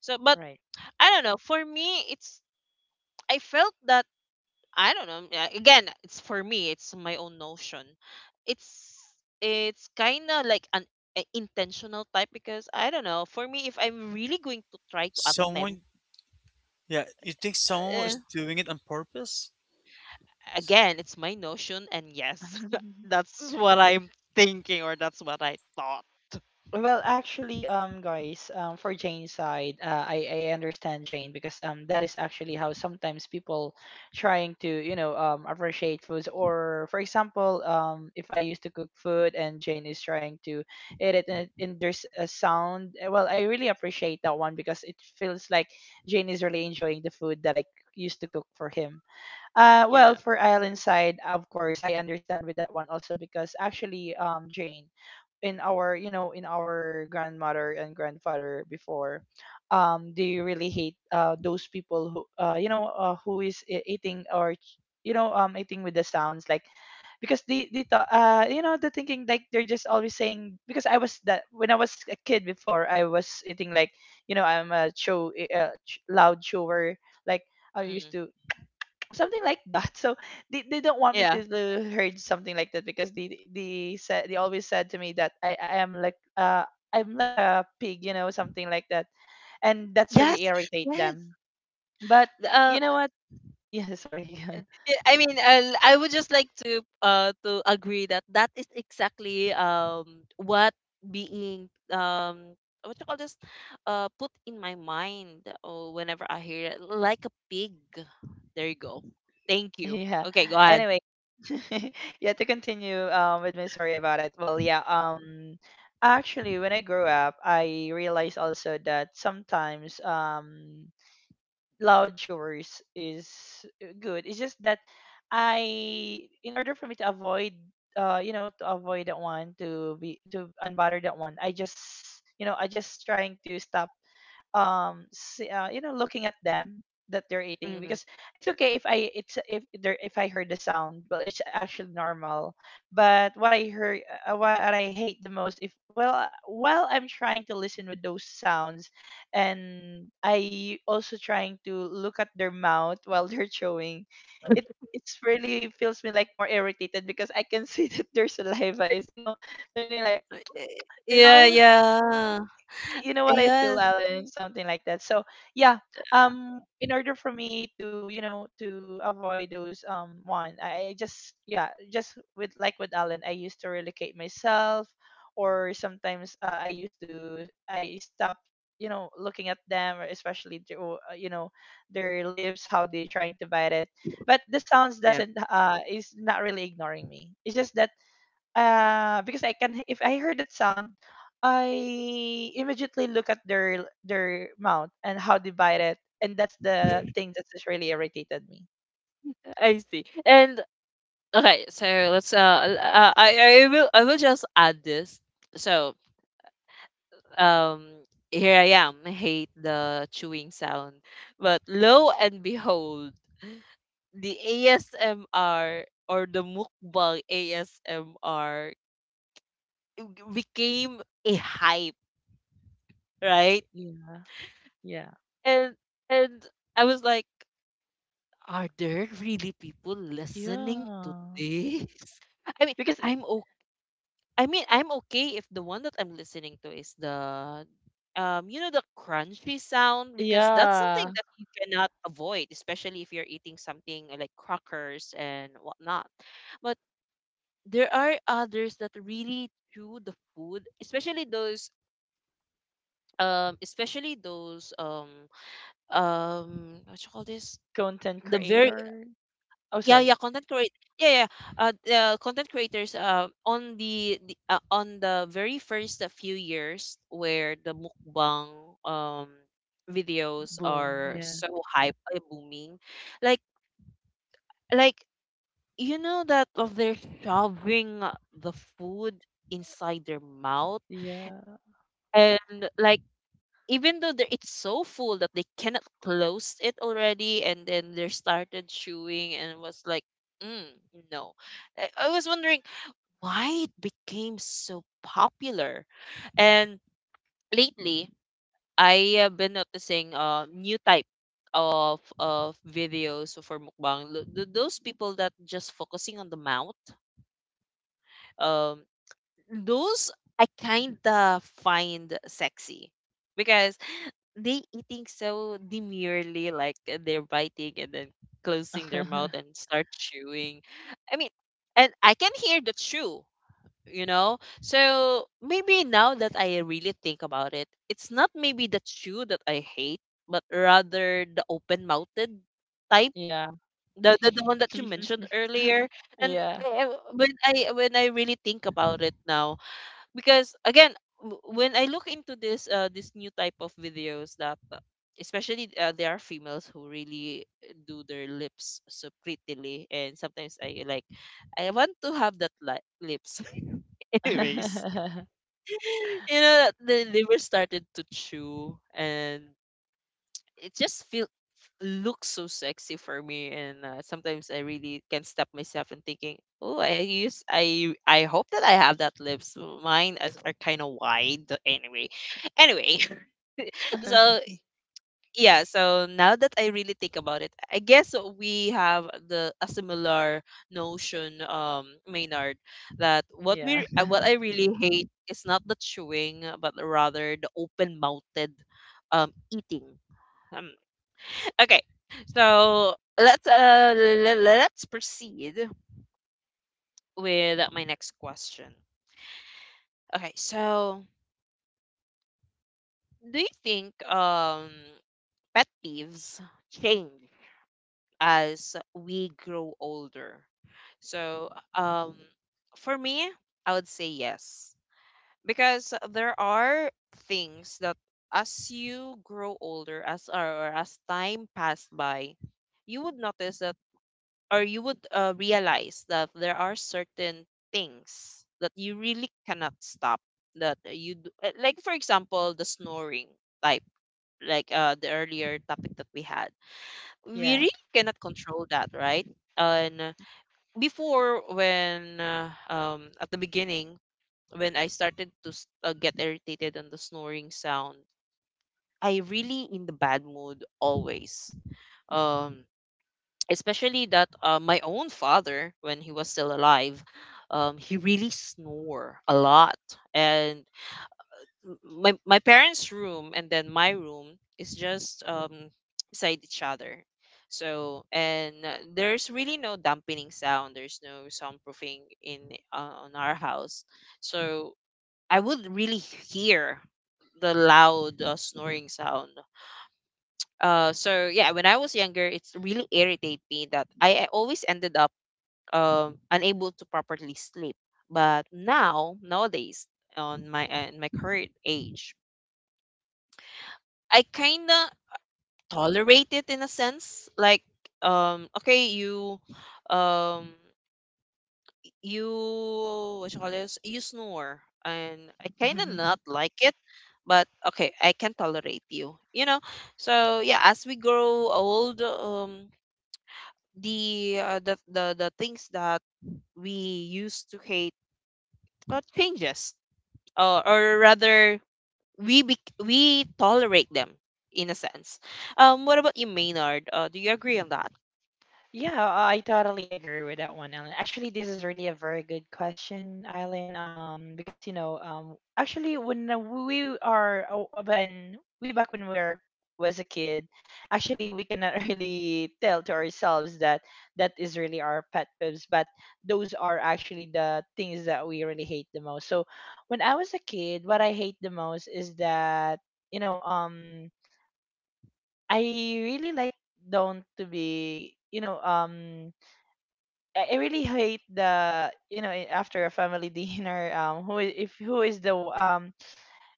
so but
Right.
I don't know for me it's I felt that I don't know again it's for me it's my own notion it's it's kind of like an a intentional type because I don't know for me if I'm really going to try to attempt
Someone, yeah, you think someone is
uh,
doing it on purpose?
again, it's my notion, and yes, (laughs)
(laughs)
that's what I'm thinking, or that's what I thought.
Well, actually, guys, for Jane's side, I understand Jane because that is actually how sometimes people trying to, appreciate foods, or for example, if I used to cook food and Jane is trying to eat it, and there's a sound. Well, I really appreciate that one because it feels like Jane is really enjoying the food that I used to cook for him.
Yeah.
Well, for Ireland's side, of course, I understand with that one also because actually, Jane, in our, you know, in our grandmother and grandfather before, they really hate those people who who is eating, or you know, eating with the sounds like, because they thought, you know, the thinking like they're just always saying, because I was that when I was a kid before, I was eating like, you know, I'm a show, loud shower, like I used
Mm.
to, something like that. (laughs) So, they don't want me
Yeah.
to heard something like that, because they said, they always said to me that I am like I'm like a pig, you know, something like that, and that's really
Yes.
irritate
Yes.
them. But
Uh,
you know what, yeah, sorry. (laughs)
yeah, I mean, I would just like to agree that that is exactly what being what you call this put in my mind or whenever I hear it like a pig. There you go. Thank you.
Yeah,
Okay, go ahead.
anyway. (laughs) Yeah, to continue with my story about it, well, yeah, actually when I grew up, I realized also that sometimes loud chores is, good. It's just that in order for me to avoid, to avoid that one, to be to unbother that one, I just, you know, I just trying to stop you know, looking at them that they're eating. Because
Mm-hmm.
it's okay if I heard the sound, well, it's actually normal. But what I heard, what I hate the most, if well, while I'm trying to listen with those sounds, and I also trying to look at their mouth (laughs) while they're chewing it, it's really feels me like more irritated because I can see (laughs) that their saliva is, you know, something like, you
Yeah,
know,
yeah.
you know what I feel,
Yes.
Alan, something like that. So yeah, in order for me to, you know, to avoid those one, I just, yeah, just with like with Alan, I used to relocate myself. Or sometimes, I used to I stop, you know, looking at them, or especially to, you know, their lips, how they're trying to bite it. But the sounds
Yeah,
doesn't, is not really ignoring me. It's just that, because I can, if I heard that sound, I immediately look at their mount and how divided, and that's the thing that just really irritated me.
I see. And okay, so let's I will I will just add this. So, um here I am, hate the chewing sound. But lo and behold, the ASMR or the mukbang ASMR became a hype, right?
Yeah, yeah,
And and I was like, Are there really people listening to
yeah.
this? (laughs) I mean,
Because
I'm o- I mean, I'm okay if the one that I'm listening to is the you know, the crunchy sound because that's something
yeah,
that you cannot avoid, especially if you're eating something like crackers and whatnot. But there are others that really chew the food, especially those um what you call this?
content
The very
creator. Oh,
yeah
sorry.
content create yeah yeah the content creators the on the very first few years where the mukbang um videos
Boom.
are
Yeah,
so hype booming like like you know that of they're shoving the food inside their mouth
yeah,
and like even though they're, it's so full that they cannot close it already and then they started chewing and was like mm, no I was wondering why it became so popular. And lately, I have been noticing a new type of videos for mukbang. Those people that just focusing on the mouth, um, those I kinda find sexy because they eating so demurely, like they're biting and then closing their mouth
(laughs)
and start chewing. I mean, and I can hear the chew you know so maybe now that I really think about it it's not maybe the chew that I hate but rather the open mouthed type
yeah,
the one that you mentioned
(laughs)
earlier and
yeah,
when I really think about it now because again when I look into this this new type of videos that especially there are females who really do their lips so prettily and sometimes I want to have that lips (laughs) anyways
(laughs)
you know the liver started to chew and it just feel looks so sexy for me and sometimes I really can't stop myself and thinking oh I hope that I have that lips mine as, are kind of wide anyway anyway (laughs) so yeah so now that I really think about it I guess we have the a similar notion maynard that what we
yeah,
what I really hate is not the chewing but rather the open mouthed eating um, (laughs) okay so let's let's proceed with my next question okay so do you think pet peeves change as we grow older. So, um, for me, I would say yes because there are things that as you grow older, as or as time passed by, you would notice that, or you would realize that there are certain things that you really cannot stop. That you do, like, for example, the snoring type, like the earlier topic that we had, we
yeah.
really cannot control that, right? And before, when at the beginning, when I started to get irritated on the snoring sound, I really in the bad mood always. Um, especially that my own father, when he was still alive, he really snore a lot, and my parents' room and then my room is just beside each other. So and there's really no dampening sound. There's no soundproofing in on our house. So I would really hear the loud snoring sound. So yeah, when I was younger, it's really irritate me that I always ended up unable to properly sleep. But now nowadays on my in my current age, I kind of tolerate it in a sense. Like, okay, you, um, you, what you call this? You snore, and I kind of not
(laughs)
like it, but okay, I can tolerate you. You know. So yeah, as we grow old, the the things that we used to hate, but changes, or rather, we tolerate them in a sense. What about you, Maynard? Do you agree on that?
Yeah, I totally agree with that one, Ellen. Actually, this is really a very good question, Eileen. Because you know, actually, when we are oh, when we back when we were was a kid, actually, we cannot (laughs) really tell to ourselves that that is really our pet peeves, but those are actually the things that we really hate the most. So, when I was a kid, what I hate the most is that, you know, I really like don't to be, you know, I really hate the, you know, after a family (laughs) dinner, who, I- if who is the w-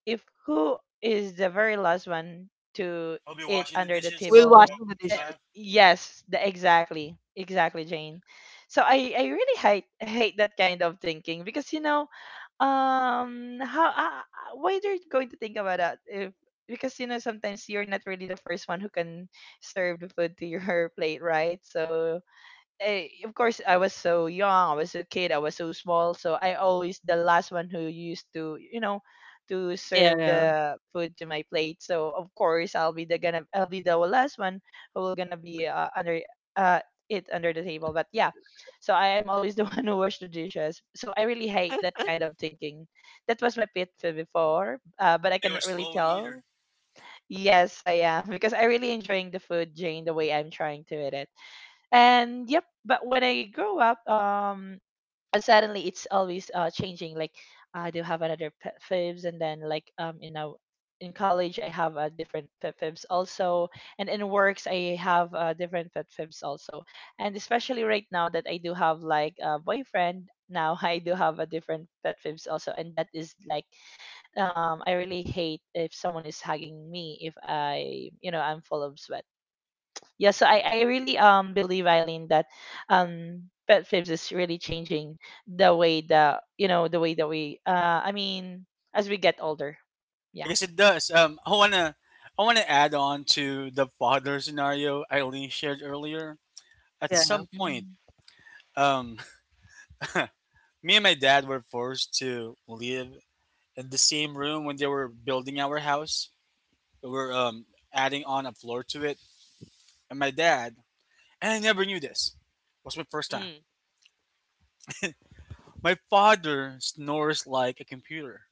if who is the very last one to
I'll be
eat
washing the
under the
dishes.
While
table.
washing the
Eh,
dishes.
Laugh.
yes, exactly, exactly Jane. So I really hate that kind of thinking because, you know, how, why they're going to think about that if, because you know sometimes you're not really the first one who can serve the food to your (laughs) plate, right? So, of course I was so young, I was a kid, I was so small, so I always the last one who used to, you know, to serve
Yeah.
the food to my plate. So of course I'll be the gonna, I'll be the last one who will gonna be, under, uh it under the table. But yeah, so I am always the (laughs) one who wash the dishes. So I really hate that kind of thinking. That was my pet peeve before, but I
Oh, you're a
cannot really
slow
tell.
eater.
Yes, I am because I really enjoying the food, Jane, the way I'm trying to eat it. And yep, but when I grow up, suddenly it's always changing. Like, I do have another pet fibs, and then like, you know, in college I have a different pet fibs also, and in works I have different pet fibs also. And especially right now that I do have like a boyfriend now, (laughs) I do have a different pet fibs also, and that is like, I really hate if someone is hugging me if I, you know, I'm full of sweat. Yeah, so I really believe, Eileen, that um pet fibs is really changing the way that, you know, the way that we, I mean, as we get older,
I
yeah.
guess it does. I wanna add on to the father scenario Eileen shared earlier. At
Yeah, yeah.
some point,
Mhm.
um, (laughs) me and my dad were forced to live in the same room when they were building our house. We were adding on a floor to it, and my dad, and I never knew this, was my first time.
Mm.
My father snores like a computer.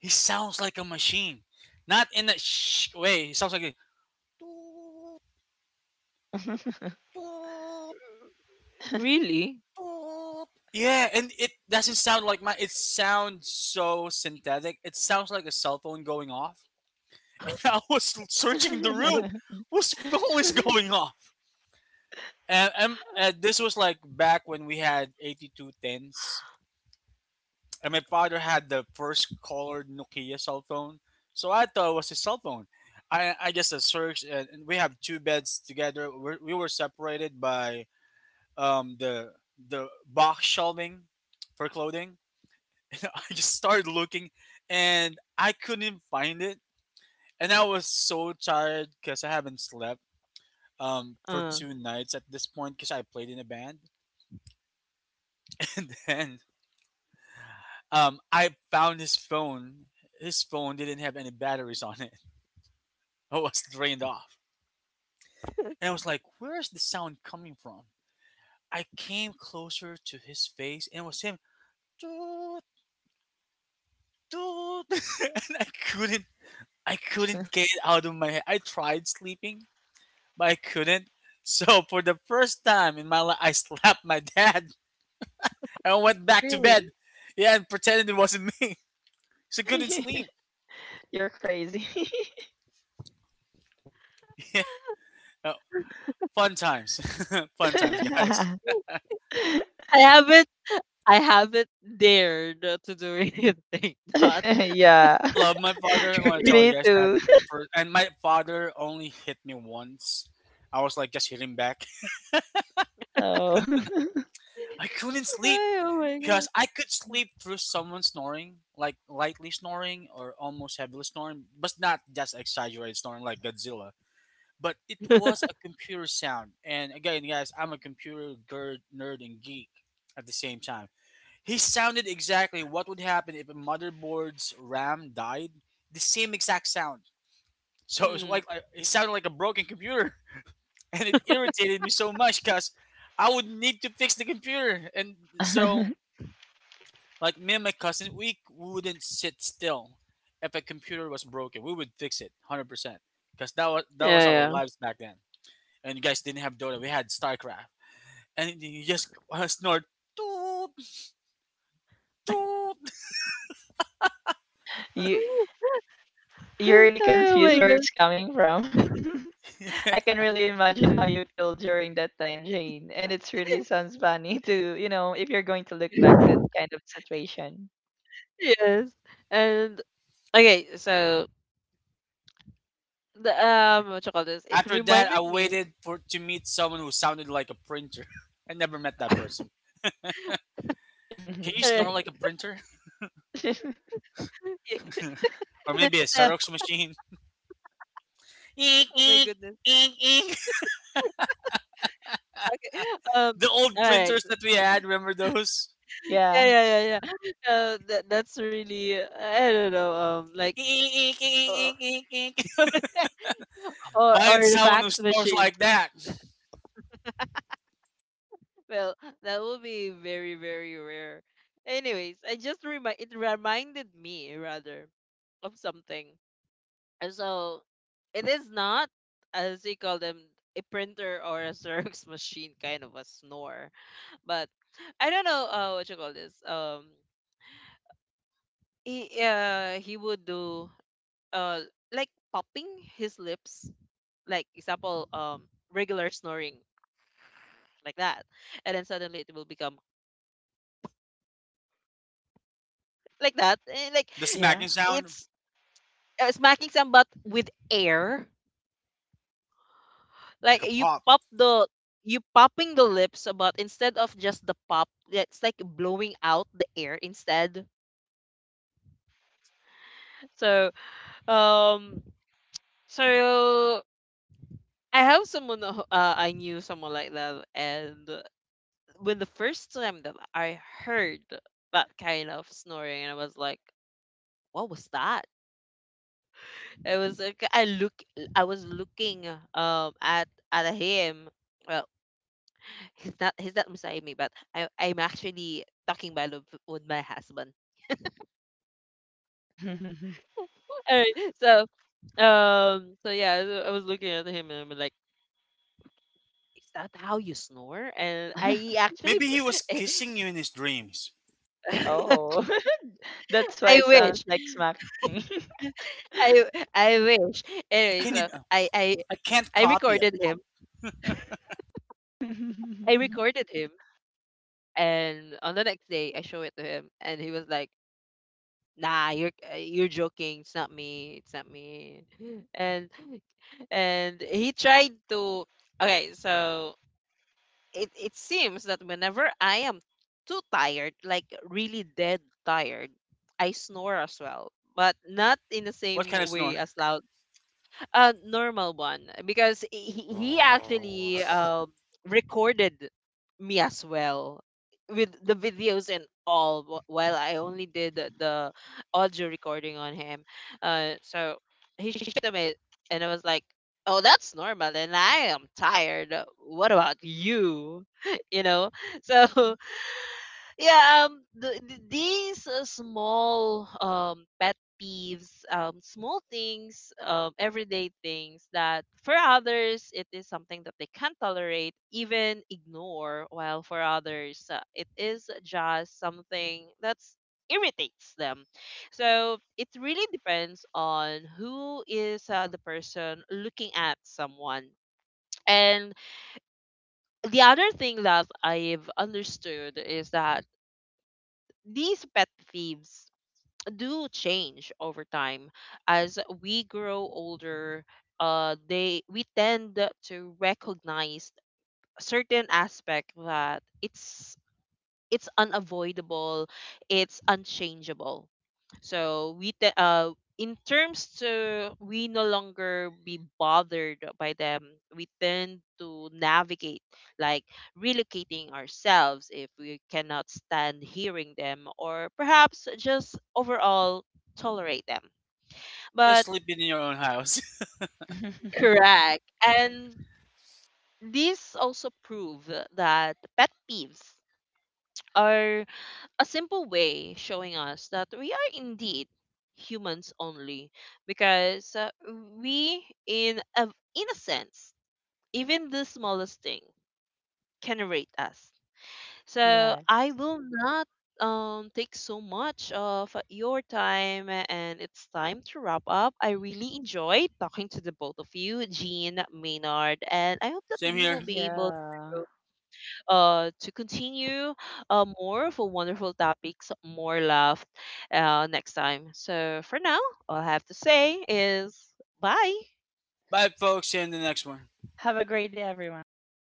He sounds like a machine. Not in a shh way. He sounds like a toot, toot,
Really?
toot. Yeah, and it doesn't sound like my. It sounds so synthetic. It sounds like a cell phone going off. (laughs) And I was searching the room.
(laughs)
Whose phone is going off? And this was like back when we had 8210s and my father had the first colored Nokia cell phone, so I thought it was his cell phone. I just searched, and we have two beds together. We were separated by the box shelving for clothing. (laughs) I just started looking, and I couldn't find it, and I was so tired because I haven't slept for
Uh.
2 nights at this point because I played in a band, (laughs) and then I found his phone. His phone didn't have any batteries on it. I was drained off. And I was like, where is the sound coming from? I came closer to his face and it was him. "Toot, toot," (laughs) and I couldn't, I couldn't get it out of my head. I tried sleeping, but I couldn't. So for the first time in my life I slapped my dad (laughs) and went back to
Really.
bed. Yeah, and pretended it wasn't me. (laughs) So I couldn't
(laughs)
sleep.
You're crazy.
(laughs) Yeah. uh, Fun times. (laughs) Fun times, guys.
(laughs)
I haven't I haven't dared to do anything. (laughs) Not.
Yeah.
I love my father. I
(laughs)
want to tell
Crazy.
Me
you guys that
too. (laughs)
first. And my father only hit me once. I was like just hitting back.
Oh.
(laughs) I couldn't
(laughs)
sleep
Ay, oh my
because I could sleep through someone snoring, like lightly snoring or almost heavily snoring, but not just exaggerated snoring like Godzilla. But it
god.
was
(laughs)
a computer sound. And again, guys, I'm a computer nerd and geek at the same time. He sounded exactly what would happen if a motherboard's RAM died. The same exact sound. So it was
Mm.
like it sounded like a broken computer, (laughs) and it irritated me so much because I would need to fix the computer. And so,
(laughs)
like me and my cousins, we wouldn't sit still if a computer was broken. We would fix it 100% because that was
Yeah,
our
yeah.
lives back then. And you guys didn't have Dota; we had StarCraft, and you just (laughs) snort. Toot, toot.
you
(laughs)
you're really
Ay, oh
confused
my
where
god.
it's coming from. (laughs) I can really imagine how you feel during that time, Jane. And it's really sounds funny to, you know, if you're going to look back that
(laughs)
kind of situation.
Yes. And okay, so the
Yeah.
what you call this? It
After that, I
reminded me.
waited for to meet someone who sounded like a printer. (laughs) I never met that person. Can you
(laughs)
snore
Alright.
like a
(laughs)
printer? Or
The-
maybe a
the-
Xerox machine. (laughs) Eek,
oh my
eek,
goodness.
eek, eek.
Um,
The old
all right.
printers that we had, remember those?
Yeah,
Yeah,
yeah, yeah, yeah. That that's really I don't know.
Eek, eek, eek,
Uh,
eek, eek, eek.
(laughs)
Find
or the
someone who
fax
snores
machine.
like that.
Well, that will be very very rare. Anyways, I just remind it reminded me rather of something. And so it is not as they call them a printer or a Xerox (laughs) machine kind of a snore, but I don't know what you call this. He would do uh like popping his lips, like, example, um, regular snoring like that, and then suddenly it will become like that. And like
The
yeah.
smacking sound,
it's smacking some butt with air, like
like a
you
pop.
pop the you popping the lips, but instead of just the pop, it's like blowing out the air instead. So, um, so I have someone I knew someone like that. And when the first time that I heard that kind of snoring, and I was like, what was that? It was like I look I was looking at him. Well, he's not beside me, but I I'm actually talking by love with my husband.
(laughs)
(laughs) Alright, so so yeah, so I was looking at him and I'm like, is that how you snore? And I actually
Maybe he was
v-
kissing you in his dreams.
(laughs)
Oh. (laughs) That's why
I
it sounds
wish.
like smacking.
I I wish.
I
Anyway,
can't
so
even, I can't
I
copy a
recorded him.
pop.
I
(laughs)
recorded him, and on the next day I show it to him, and he was like, nah, you're joking, it's not me, it's not me. (laughs) and and he tried to, okay so it seems that whenever I am too tired, like really dead tired, I snore as well, but not in the
What
same
kind of
way
snore?
as loud. A normal one, because he
Or
actually recorded me as well with the videos and all while I only did the audio recording on him. So he showed them it, and I was like, "Oh, that's normal." And I am tired. What about you? (laughs) You know, so yeah, um, the, these small pet peeves, um, small things, um, everyday things that for others it is something that they can't tolerate even ignore, while for others it is just something that's irritates them. So it really depends on who is the person looking at someone. And the other thing that I've understood is that these pet thieves do change over time. As we grow older, they we tend to recognize certain aspect that it's unavoidable, it's unchangeable. So we in terms to we no longer be bothered by them. We tend to navigate like relocating ourselves if we cannot stand hearing them, or perhaps just overall tolerate them.
just
But
sleeping in your own house. (laughs)
correct. And these also prove that pet peeves are a simple way showing us that we are indeed humans only, because we in a sense, even the smallest thing can rate us. So
Yes.
I will not take so much of your time, and it's time to wrap up. I really enjoyed talking to the both of you, Jean, Maynard, and I hope that
Same
we will
here.
be able
Yeah.
to continue more for wonderful topics, more love, next time. So for now, all I have to say is bye.
Bye, folks. See you in the next one.
Have a great day, everyone. Bye.